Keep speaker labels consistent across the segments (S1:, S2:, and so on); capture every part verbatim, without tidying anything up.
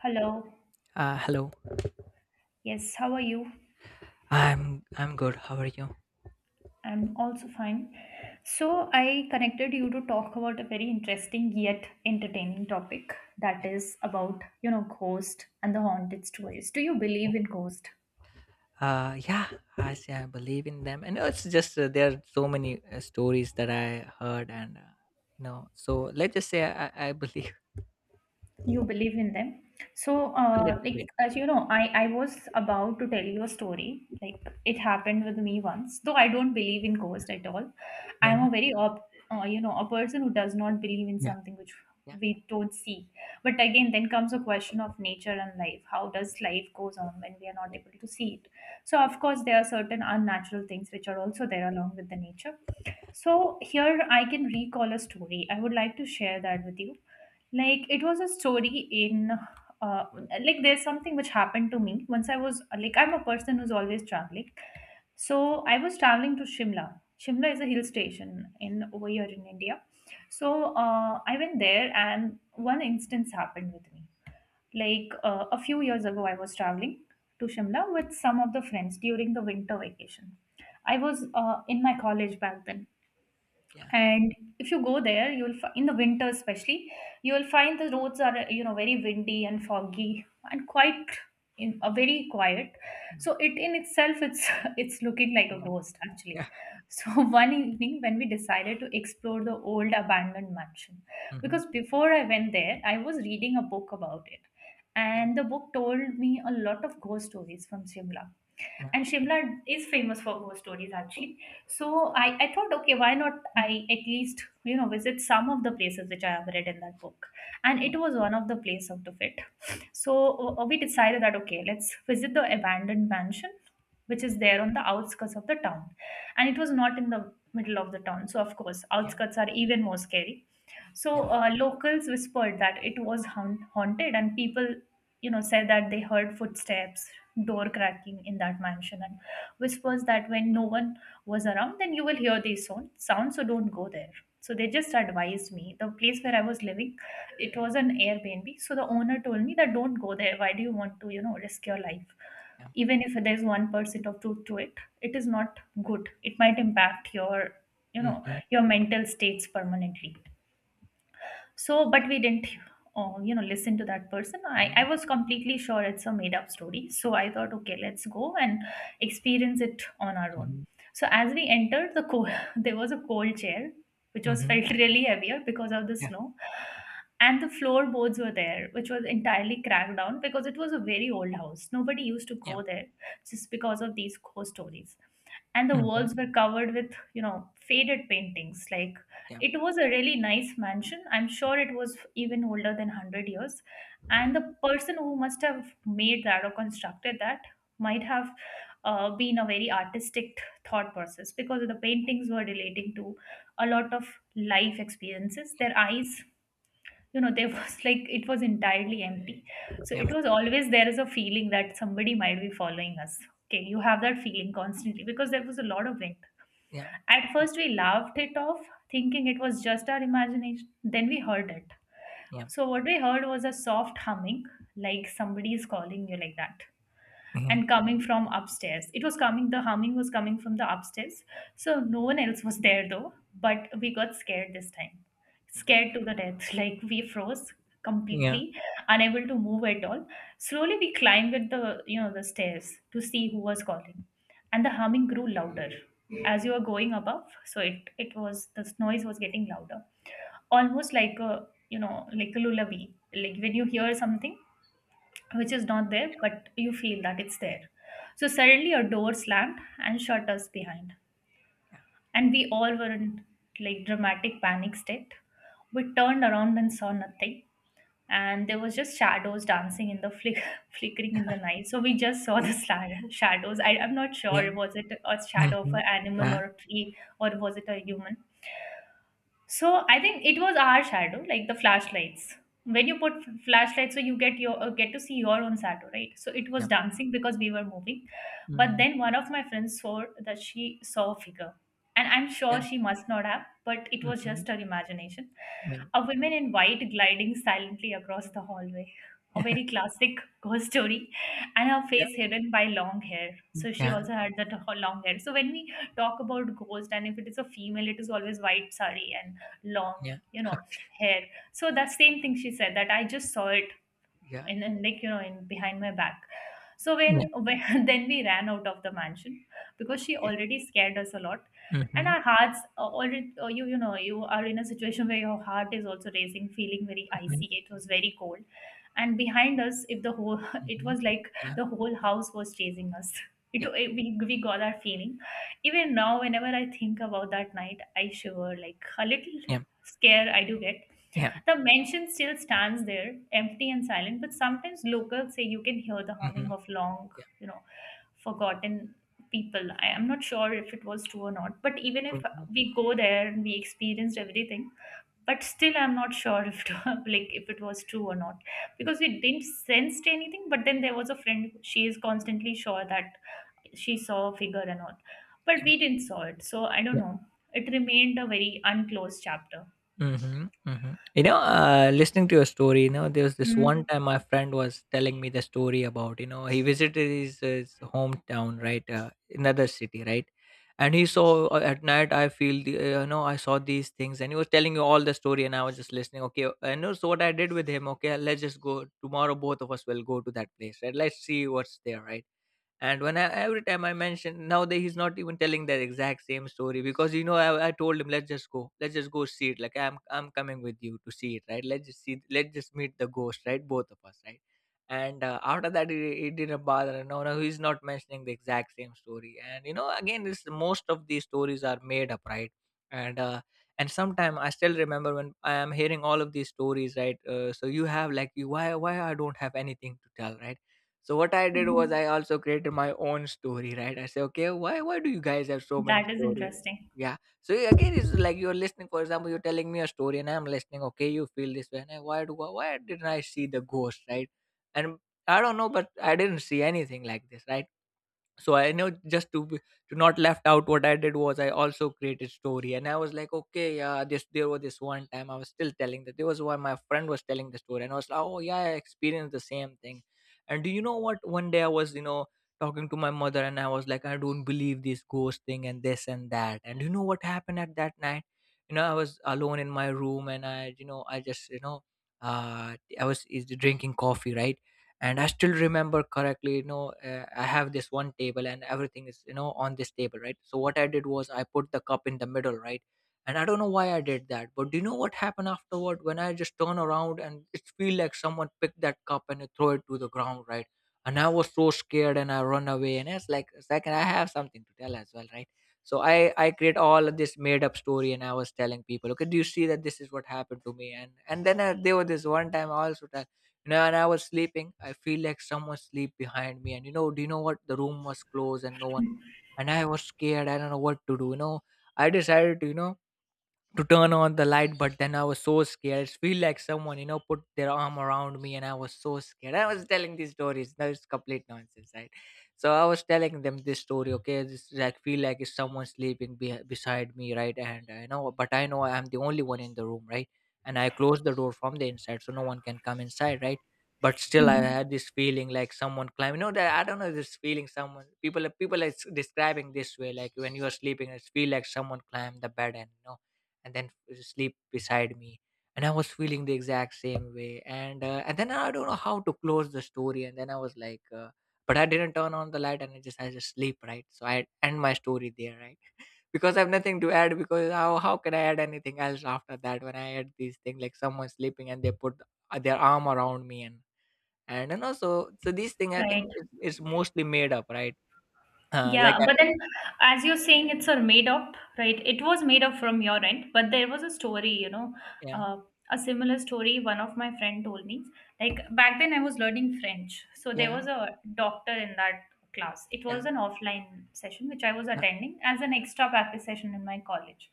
S1: Hello.
S2: Uh, hello.
S1: Yes, how are you?
S2: I'm I'm good. How are you?
S1: I'm also fine. So, I connected you to talk about a very interesting yet entertaining topic
S2: Yeah.
S1: that is about, you know, ghost and the haunted stories. Do you believe in ghost?
S2: Uh, yeah, I say I believe in them, and it's just uh, there are so many uh, stories that I heard, and uh, you know, so let's just say I, I I believe
S1: You believe in them. So
S2: a little
S1: uh, like,
S2: bit.
S1: as you know, i i was about to tell you a story, like it happened with me once, though I don't believe in ghosts at all. I'm
S2: Yeah,
S1: a very op- uh, you know, a person who does not believe in
S2: yeah,
S1: something which
S2: yeah.
S1: we don't see. But again, then comes a question of nature and life. How does life goes on when we are not able to see it? So of course, there are certain unnatural things which are also there along with the nature. So here I can recall a story. I would like to share that with you. Like, it was a story in uh, like, there's something which happened to me once. I was like, I'm a person who's always traveling. So I was traveling to Shimla. Shimla is a hill station in over here in India. So uh, I went there, and one instance happened with me. Like uh, a few years ago, I was traveling to Shimla with some of the friends during the winter vacation. I was uh, in my college back then.
S2: Yeah.
S1: And if you go there, you'll fi- in the winter especially, you will find the roads are uh, you know, very windy and foggy, and quite, in a very quiet.
S2: mm,
S1: So it, in itself, it's it's looking like a
S2: mm,
S1: ghost actually.
S2: yeah.
S1: So one evening when we decided to explore the old abandoned mansion.
S2: Mm-hmm.
S1: Because before I went there, I was reading a book about it,
S2: Yeah,
S1: and the book told me a lot of ghost stories from Shimla.
S2: yeah,
S1: And Shimla is famous for ghost stories actually. So I, I thought, okay, why not I at least, you know, visit some of the places which I have read in that book. And it was one of the place of the fit. So uh, uh, we decided that, okay, let's visit the abandoned mansion, which is there on the outskirts of the town. And it was not in the middle of the town. So of course,
S2: yeah,
S1: outskirts are even more scary. So
S2: yeah,
S1: uh, locals whispered that it was haun- haunted, and people, you know, said that they heard footsteps, door cracking in that mansion, and whispers that when no one was around, then you will hear these sound, sounds. So don't go there. So they just advised me. The place where I was living, it was an Airbnb. So the owner told me that don't go there. Why do you want to, you know, risk your life?
S2: yeah.
S1: Even if there's one percent of truth to it, it is not good. It might impact your, you know,
S2: Mm-hmm.
S1: your mental states permanently. So but we didn't, uh, you know, listen to that person. I,
S2: Mm-hmm.
S1: I was completely sure it's a made up story. So I thought, okay, let's go and experience it on our own.
S2: Mm-hmm.
S1: So as we entered the cold, there was a cold chair which was
S2: Mm-hmm.
S1: felt really heavier because of the
S2: Yeah,
S1: snow. And the floorboards were there which was entirely cracked down because it was a very old house. Nobody used to
S2: yeah.
S1: go there just because of these ghost stories. And the
S2: Mhm.
S1: walls were covered with, you know, faded paintings. Like,
S2: Ja.
S1: it was a really nice mansion. I'm sure it was even older than one hundred years. And the person who must have made that or constructed that might have uh, been a very artistic thought process, because the paintings were relating to a lot of life experiences. Their eyes, you know, they was like, it was entirely empty. So it
S2: Ja,
S1: was always, there is a feeling that somebody might be following us. Okay, you have that feeling constantly because there was a lot of wind.
S2: ja,
S1: At first, we laughed it off, thinking it was just our imagination. Then we heard it.
S2: ja,
S1: So, what we heard was a soft humming, like somebody is calling you like that,
S2: ja,
S1: and coming from upstairs. It was coming, the humming was coming from the upstairs. So no one else was there though, but we got scared this time. Scared to the death. Like, we froze
S2: ja,
S1: completely, unable to move at all. Slowly we climbed with the, you know, the stairs to see who was calling. And the humming grew louder as you were going above. So it it was, this noise was getting louder. Almost like a, you know, like a lullaby. Like when you hear something which is not there, but you feel that it's there. So suddenly a door slammed and shut us behind.
S2: ja,
S1: And we all were in like dramatic panic state. We turned around and saw nothing. And there was just shadows dancing in the flick, flickering in the night. So we just saw the
S2: hm,
S1: sla- shadows. I, I'm not
S2: ja,
S1: sure, was it a
S2: mhm,
S1: shadow of an animal
S2: ja,
S1: or a tree, or was it a human? So I think it was our shadow, like the flashlights. When you put f- flashlights, so you get your uh, get to see your own shadow, right? So it was
S2: ja,
S1: dancing because we were moving, but
S2: mhm,
S1: then one of my friends saw that she saw a figure, and I'm sure
S2: ja,
S1: she must not have, but it was
S2: mhm,
S1: just her imagination.
S2: ja,
S1: A woman in white gliding silently across the hallway, a very classic ghost story, and her
S2: ja,
S1: face hidden by long hair. So she
S2: ja,
S1: also had that ho- long hair. So when we talk about ghost, and if it is a female, it is always white sari and long,
S2: ja,
S1: you know, hair. So the same thing, she said that I just saw it
S2: ja,
S1: in, in like, you know, in behind my back. So
S2: ja,
S1: when, when then we ran out of the mansion because she
S2: okay.
S1: already scared us a lot. And
S2: Mhm,
S1: our hearts are already uh, you you know, you are in a situation where your heart is also racing, feeling very
S2: mhm,
S1: icy. It was very cold. And behind us, if the whole it
S2: mhm.
S1: was like
S2: Ja,
S1: the whole house was chasing us. it,
S2: ja,
S1: it we, we got that feeling. Even now, whenever I think about that night, I shiver, like a little
S2: ja,
S1: scare I do get.
S2: ja,
S1: The mansion still stands there, empty and silent, but sometimes locals say you can hear the humming
S2: mhm,
S1: of long,
S2: ja,
S1: you know, forgotten people. I am not sure if it was true or not, but even if
S2: mhm,
S1: we go there and we experienced everything, but still I'm not sure if it, like if it was true or not,
S2: ja,
S1: because we didn't sense anything. But then there was a friend; she is constantly sure that she saw a figure and all, but
S2: ja,
S1: we didn't saw it. So I don't
S2: ja.
S1: know. It remained a very unclosed chapter.
S2: Mhm, mhm. You know, uh, listening to your story, you know, there was this one time my friend was telling me the story about, you know, he visited his, his hometown, right, uh, another city, right, and he saw uh, at night. I feel, the, uh, you know, I saw these things, and he was telling you all the story, and I was just listening. Okay, and know so what I did with him, okay, let's just go tomorrow. Both of us will go to that place, right? Let's see what's there, right? And when I every time I mention nowadays he's not even telling that exact same story because you know I, I told him let's just go let's just go see it like I'm I'm coming with you to see it right let's just see let's just meet the ghost right both of us right and uh, after that he, he didn't bother no no he's not mentioning the exact same story and you know again this most of these stories are made up right and uh, and sometime I still remember when I am hearing all of these stories right uh, so you have like you why why I don't have anything to tell right so what I did was
S1: Mm-hmm.
S2: I also created my own story, right? I say, okay, why why do you guys have so many
S1: That is
S2: stories?
S1: interesting.
S2: Yeah. So yeah, again, it's like you're listening. For example, you're telling me a story, and I'm listening. Okay, you feel this way. And I, why do why didn't I see the ghost, right? And I don't know, but I didn't see anything like this, right? So I know just to be- to not left out what I did was I also created story and I was like okay yeah this there was this one time I was still telling that there was one my friend was telling the story and I was like oh yeah I experienced the same thing and do you know what one day I was you know talking to my mother and I was like I don't believe this ghost thing and this and that and you know what happened at that night you know I was alone in my room and i you know i just you know uh I was is drinking coffee right and I still remember correctly you know uh, I have this one table and everything is you know on this table right so what I did was I put the cup in the middle right and I don't know why I did that but do you know what happened afterward when I just turn around and it feel like someone picked that cup and throw it to the ground right and I was so scared and I run away and it's like second I have something to tell as well right so i i create all of this made up story and I was telling people okay do you see that this is what happened to me and and then I, there was this one time I also tell you know, and i was sleeping, i feel like someone sleep behind me. And you know, do you know what? The room was closed and no one. And i was scared. I don't know what to do. You know, i decided to, you know, to turn on the light but then I was so scared it feel like someone you know put their arm around me and I was so scared I was telling these stories that is complete nonsense right so I was telling them this story okay this like feel like it's someone sleeping be- beside me right and I know but I know I'm the only one in the room right and I closed the door from the inside so no one can come inside right but still I
S1: Mhm.
S2: had this feeling like someone climbing no that I don't know this feeling someone people people are s- describing this way like when you are sleeping it feel like someone climbed the bed and you know and then sleep beside me and I was feeling the exact same way and uh, and then I don't know how to close the story and then I was like uh, but I didn't turn on the light and i just I just sleep right so I end my story there right because I have nothing to add because how how can I add anything else after that when I add these things like someone sleeping and they put uh, their arm around me and and you know so so these things I think
S1: Right.
S2: is, is mostly made up right uh, like
S1: Yeah.
S2: I,
S1: But then, as you're saying, it's a made up, right? It was made up from your end, but there was a story, you know,
S2: yeah
S1: uh, a similar story one of my friend told me. Like back then, I was learning French. So there
S2: yeah
S1: was a doctor in that class. It
S2: yeah
S1: was an offline session, which I was
S2: yeah
S1: attending as an extra practice session in my college.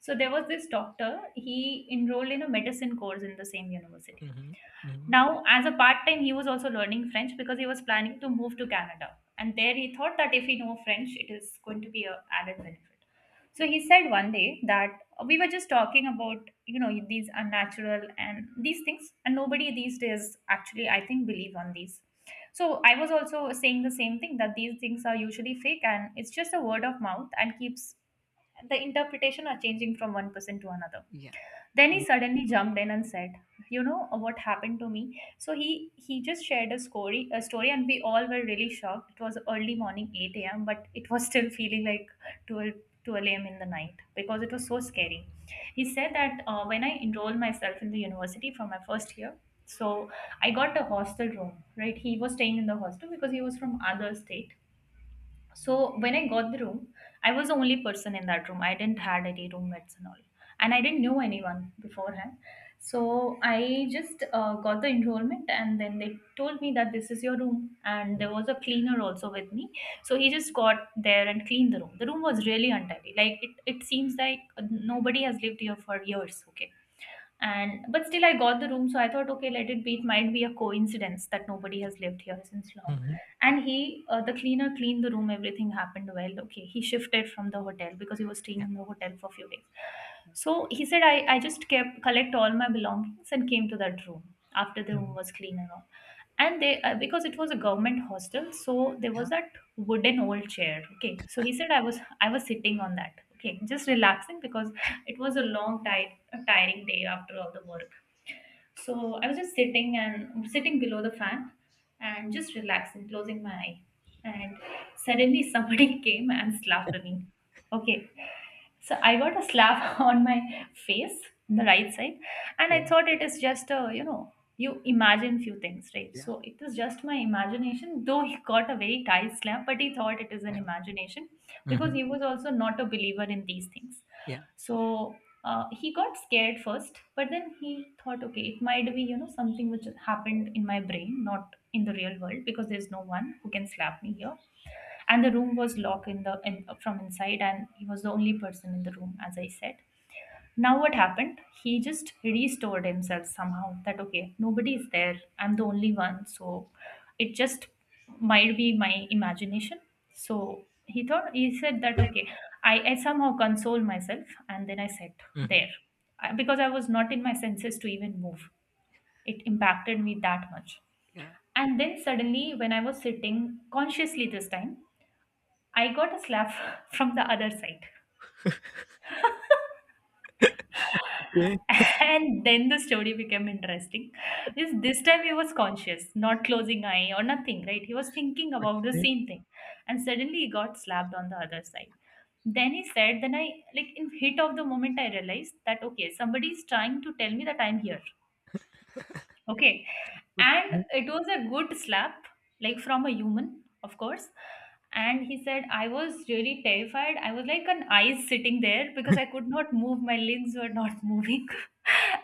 S1: So there was this doctor, he enrolled in a medicine course in the same university.
S2: mm-hmm, mm-hmm,
S1: Now, as a part time, he was also learning French because he was planning to move to Canada. And there he thought that if he know French, it is going to be a added benefit. So he said one day that we were just talking about, you know, these unnatural and these things, and nobody these days actually, I think, believe on these. So I was also saying the same thing that these things are usually fake and it's just a word of mouth, and keeps the interpretation are changing from one person to another.
S2: yeah mm,
S1: Then
S2: yeah
S1: he
S2: mhm,
S1: suddenly jumped in and said, "You know, uh, what happened to me?" So he he just shared a story, a story, and we all were really shocked. It was early morning, eight a.m., but it was still feeling like twelve twelve a m in the night because it was so scary. He said that uh, when I enrolled myself in the university for my first year, so I got a hostel room. Right, he was staying in the hostel because he was from other state. So when I got the room, I was the only person in that room. I didn't had any roommates and all, and I didn't know anyone beforehand. So I just uh, got the enrollment, and then they told me that this is your room, and
S2: yeah
S1: there was a cleaner also with me. So he just got there and cleaned the room. The room was really untidy. Like it, it seems like nobody has lived here for years. Okay, and but still I got the room, so I thought, okay, let it be. It might be a coincidence that nobody has lived here since long.
S2: Mm-hmm. Yeah.
S1: And he uh, the cleaner cleaned the room. Everything happened well. Okay, he shifted from the hotel because he was staying in the hotel for a few days. So he said, i, I just kept collect all my belongings and came to that room after the room
S2: Mhm.
S1: was clean and all. And they uh, because it was a government hostel, so there
S2: Yeah,
S1: was that wooden old chair. Okay, so he said i was i was sitting on that. Okay, just relaxing because it was a long, tight, a tiring day after all the work. So I was just sitting and sitting below the fan and just relaxing, closing my eye. And suddenly somebody came and slapped me. Okay. So I got a slap on my face, the right side, and
S2: yeah,
S1: I thought it is just a, you know, you imagine few things, right?
S2: yeah,
S1: So it was just my imagination. Though he got a very tight slap, but he thought it is an
S2: yeah.
S1: imagination because
S2: Mhm.
S1: he was also not a believer in these things.
S2: Yeah.
S1: So uh, he got scared first, but then he thought, okay, it might be, you know, something which happened in my brain, not in the real world, because there's no one who can slap me here. And the room was locked in the in, from inside, and he was the only person in the room, as I said. Now what happened? He just restored himself somehow that okay, nobody is there. I'm the only one. So it just might be my imagination. So he thought, he said that okay, I, I somehow console myself, and then I sat
S2: Mhm.
S1: there. I- Because I was not in my senses to even move. It impacted me that much.
S2: Yeah.
S1: And then suddenly when I was sitting consciously this time, I got a slap from the other side.
S2: Okay,
S1: And then the story became interesting because this time he was conscious, not closing eye or nothing, right? He was thinking about the
S2: okay,
S1: same thing, and suddenly he got slapped on the other side. Then he said, then I, like in heat of the moment, I realized that okay, somebody is trying to tell me that I'm here. Okay. And
S2: okay.
S1: it was a good slap, like from a human, of course. And he said, I was really terrified. I was like an ice sitting there because I could not move. My limbs were not moving.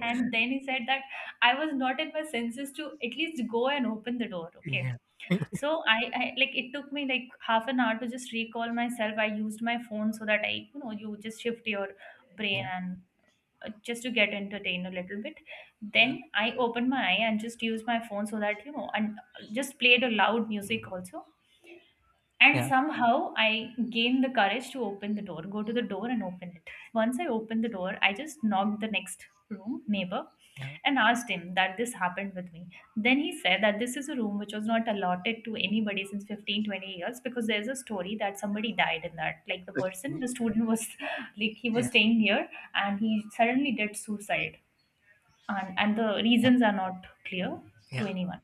S1: And then he said that I was not in my senses to at least go and open the door.
S2: Yeah.
S1: Okay. So I, I like it took me like half an hour to just recall myself. I used my phone so that I, you know, you just shift your brain
S2: Yeah,
S1: and uh, just to get entertained a little bit.
S2: yeah,
S1: Then I opened my eye and just used my phone so that you know, and just played a loud music also, and
S2: yeah,
S1: somehow I gained the courage to open the door, go to the door and open it. Once I opened the door, I just knocked the next room neighbor
S2: yeah.
S1: and asked him that this happened with me. Then he said that this is a room which was not allotted to anybody since fifteen twenty years because there's a story that somebody died in that. Like the person,
S2: Okay.
S1: the student was like he was
S2: Yeah,
S1: staying here, and he suddenly did suicide, and, and the
S2: yeah,
S1: reasons are not clear to
S2: yeah,
S1: anyone.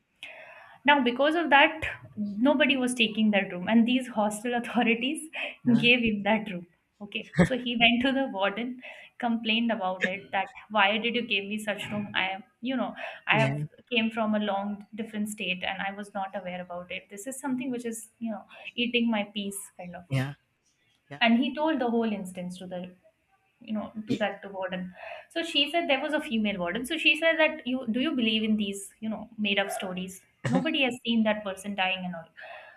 S1: Now, because of that, nobody was taking that room, and these hostel authorities
S2: Uh,
S1: gave him that room. Okay, so he went to the warden, complained about it that why did you give me such room? I am, you know, I
S2: yeah,
S1: have came from a long different state and I was not aware about it. This is something which is, you know, eating my peace kind of.
S2: yeah, yeah,
S1: And he told the whole instance to the you know, to that, to warden. So she said, there was a female warden, so she said that you do you believe in these you know made up stories?
S2: yeah.
S1: Nobody has seen that person dying and all.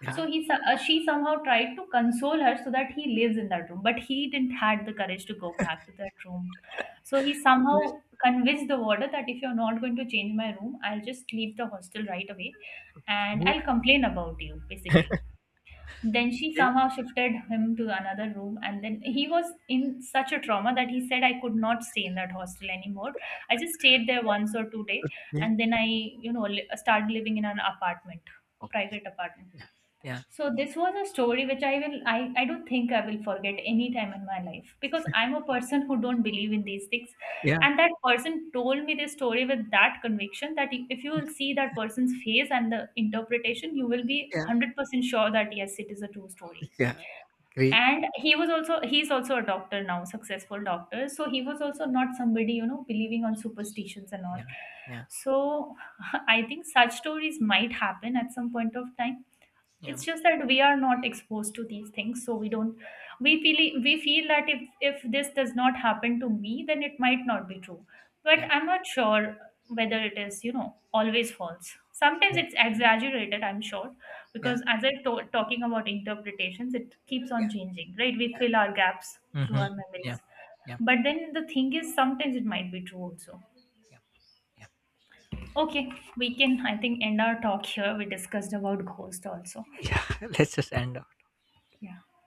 S1: So he so- uh, she somehow tried to console her so that he lives in that room, but he didn't had the courage to go back to that room. So he
S2: Ye yeah.
S1: somehow convinced the warder that if you're not going to change my room, I'll just leave the hostel right away, and
S2: Mhm.
S1: I'll complain about you basically. Then she
S2: Okay,
S1: somehow shifted him to another room, and then he was in such a trauma that he said, I could not stay in that hostel anymore. I just stayed there once or two days,
S2: yeah.
S1: and then I, you know, li- started living in an apartment, a
S2: Okay.
S1: private apartment.
S2: Yeah. Yeah.
S1: So this was a story which I will, I, I don't think I will forget any time in my life because I'm a person who don't believe in these things,
S2: Yeah,
S1: and that person told me this story with that conviction that if you will see that person's face and the interpretation, you will be
S2: yeah,
S1: one hundred percent sure that yes, it is a true story.
S2: yeah. Agree.
S1: And he was also, he's also a doctor now, successful doctor, so he was also not somebody you know believing on superstitions and all.
S2: Yeah, yeah,
S1: So I think such stories might happen at some point of time.
S2: yeah,
S1: It's just that we are not exposed to these things, so we don't, we feel, we feel that if if this does not happen to me, then it might not be true. But
S2: yeah,
S1: I'm not sure whether it is you know always false. Sometimes
S2: yeah,
S1: it's exaggerated, I'm sure,
S2: yeah,
S1: because as I'm to- talking about interpretations, it keeps
S2: yeah,
S1: on changing, right? We
S2: yeah.
S1: fill our gaps through
S2: Mhm.
S1: our
S2: Yeah.
S1: memories.
S2: Yeah,
S1: But then the thing is, sometimes it might be true also.
S2: yeah, yeah.
S1: Okay, we can I think end our talk here. We discussed about ghost also.
S2: Yeah, let's just end
S1: Yeah.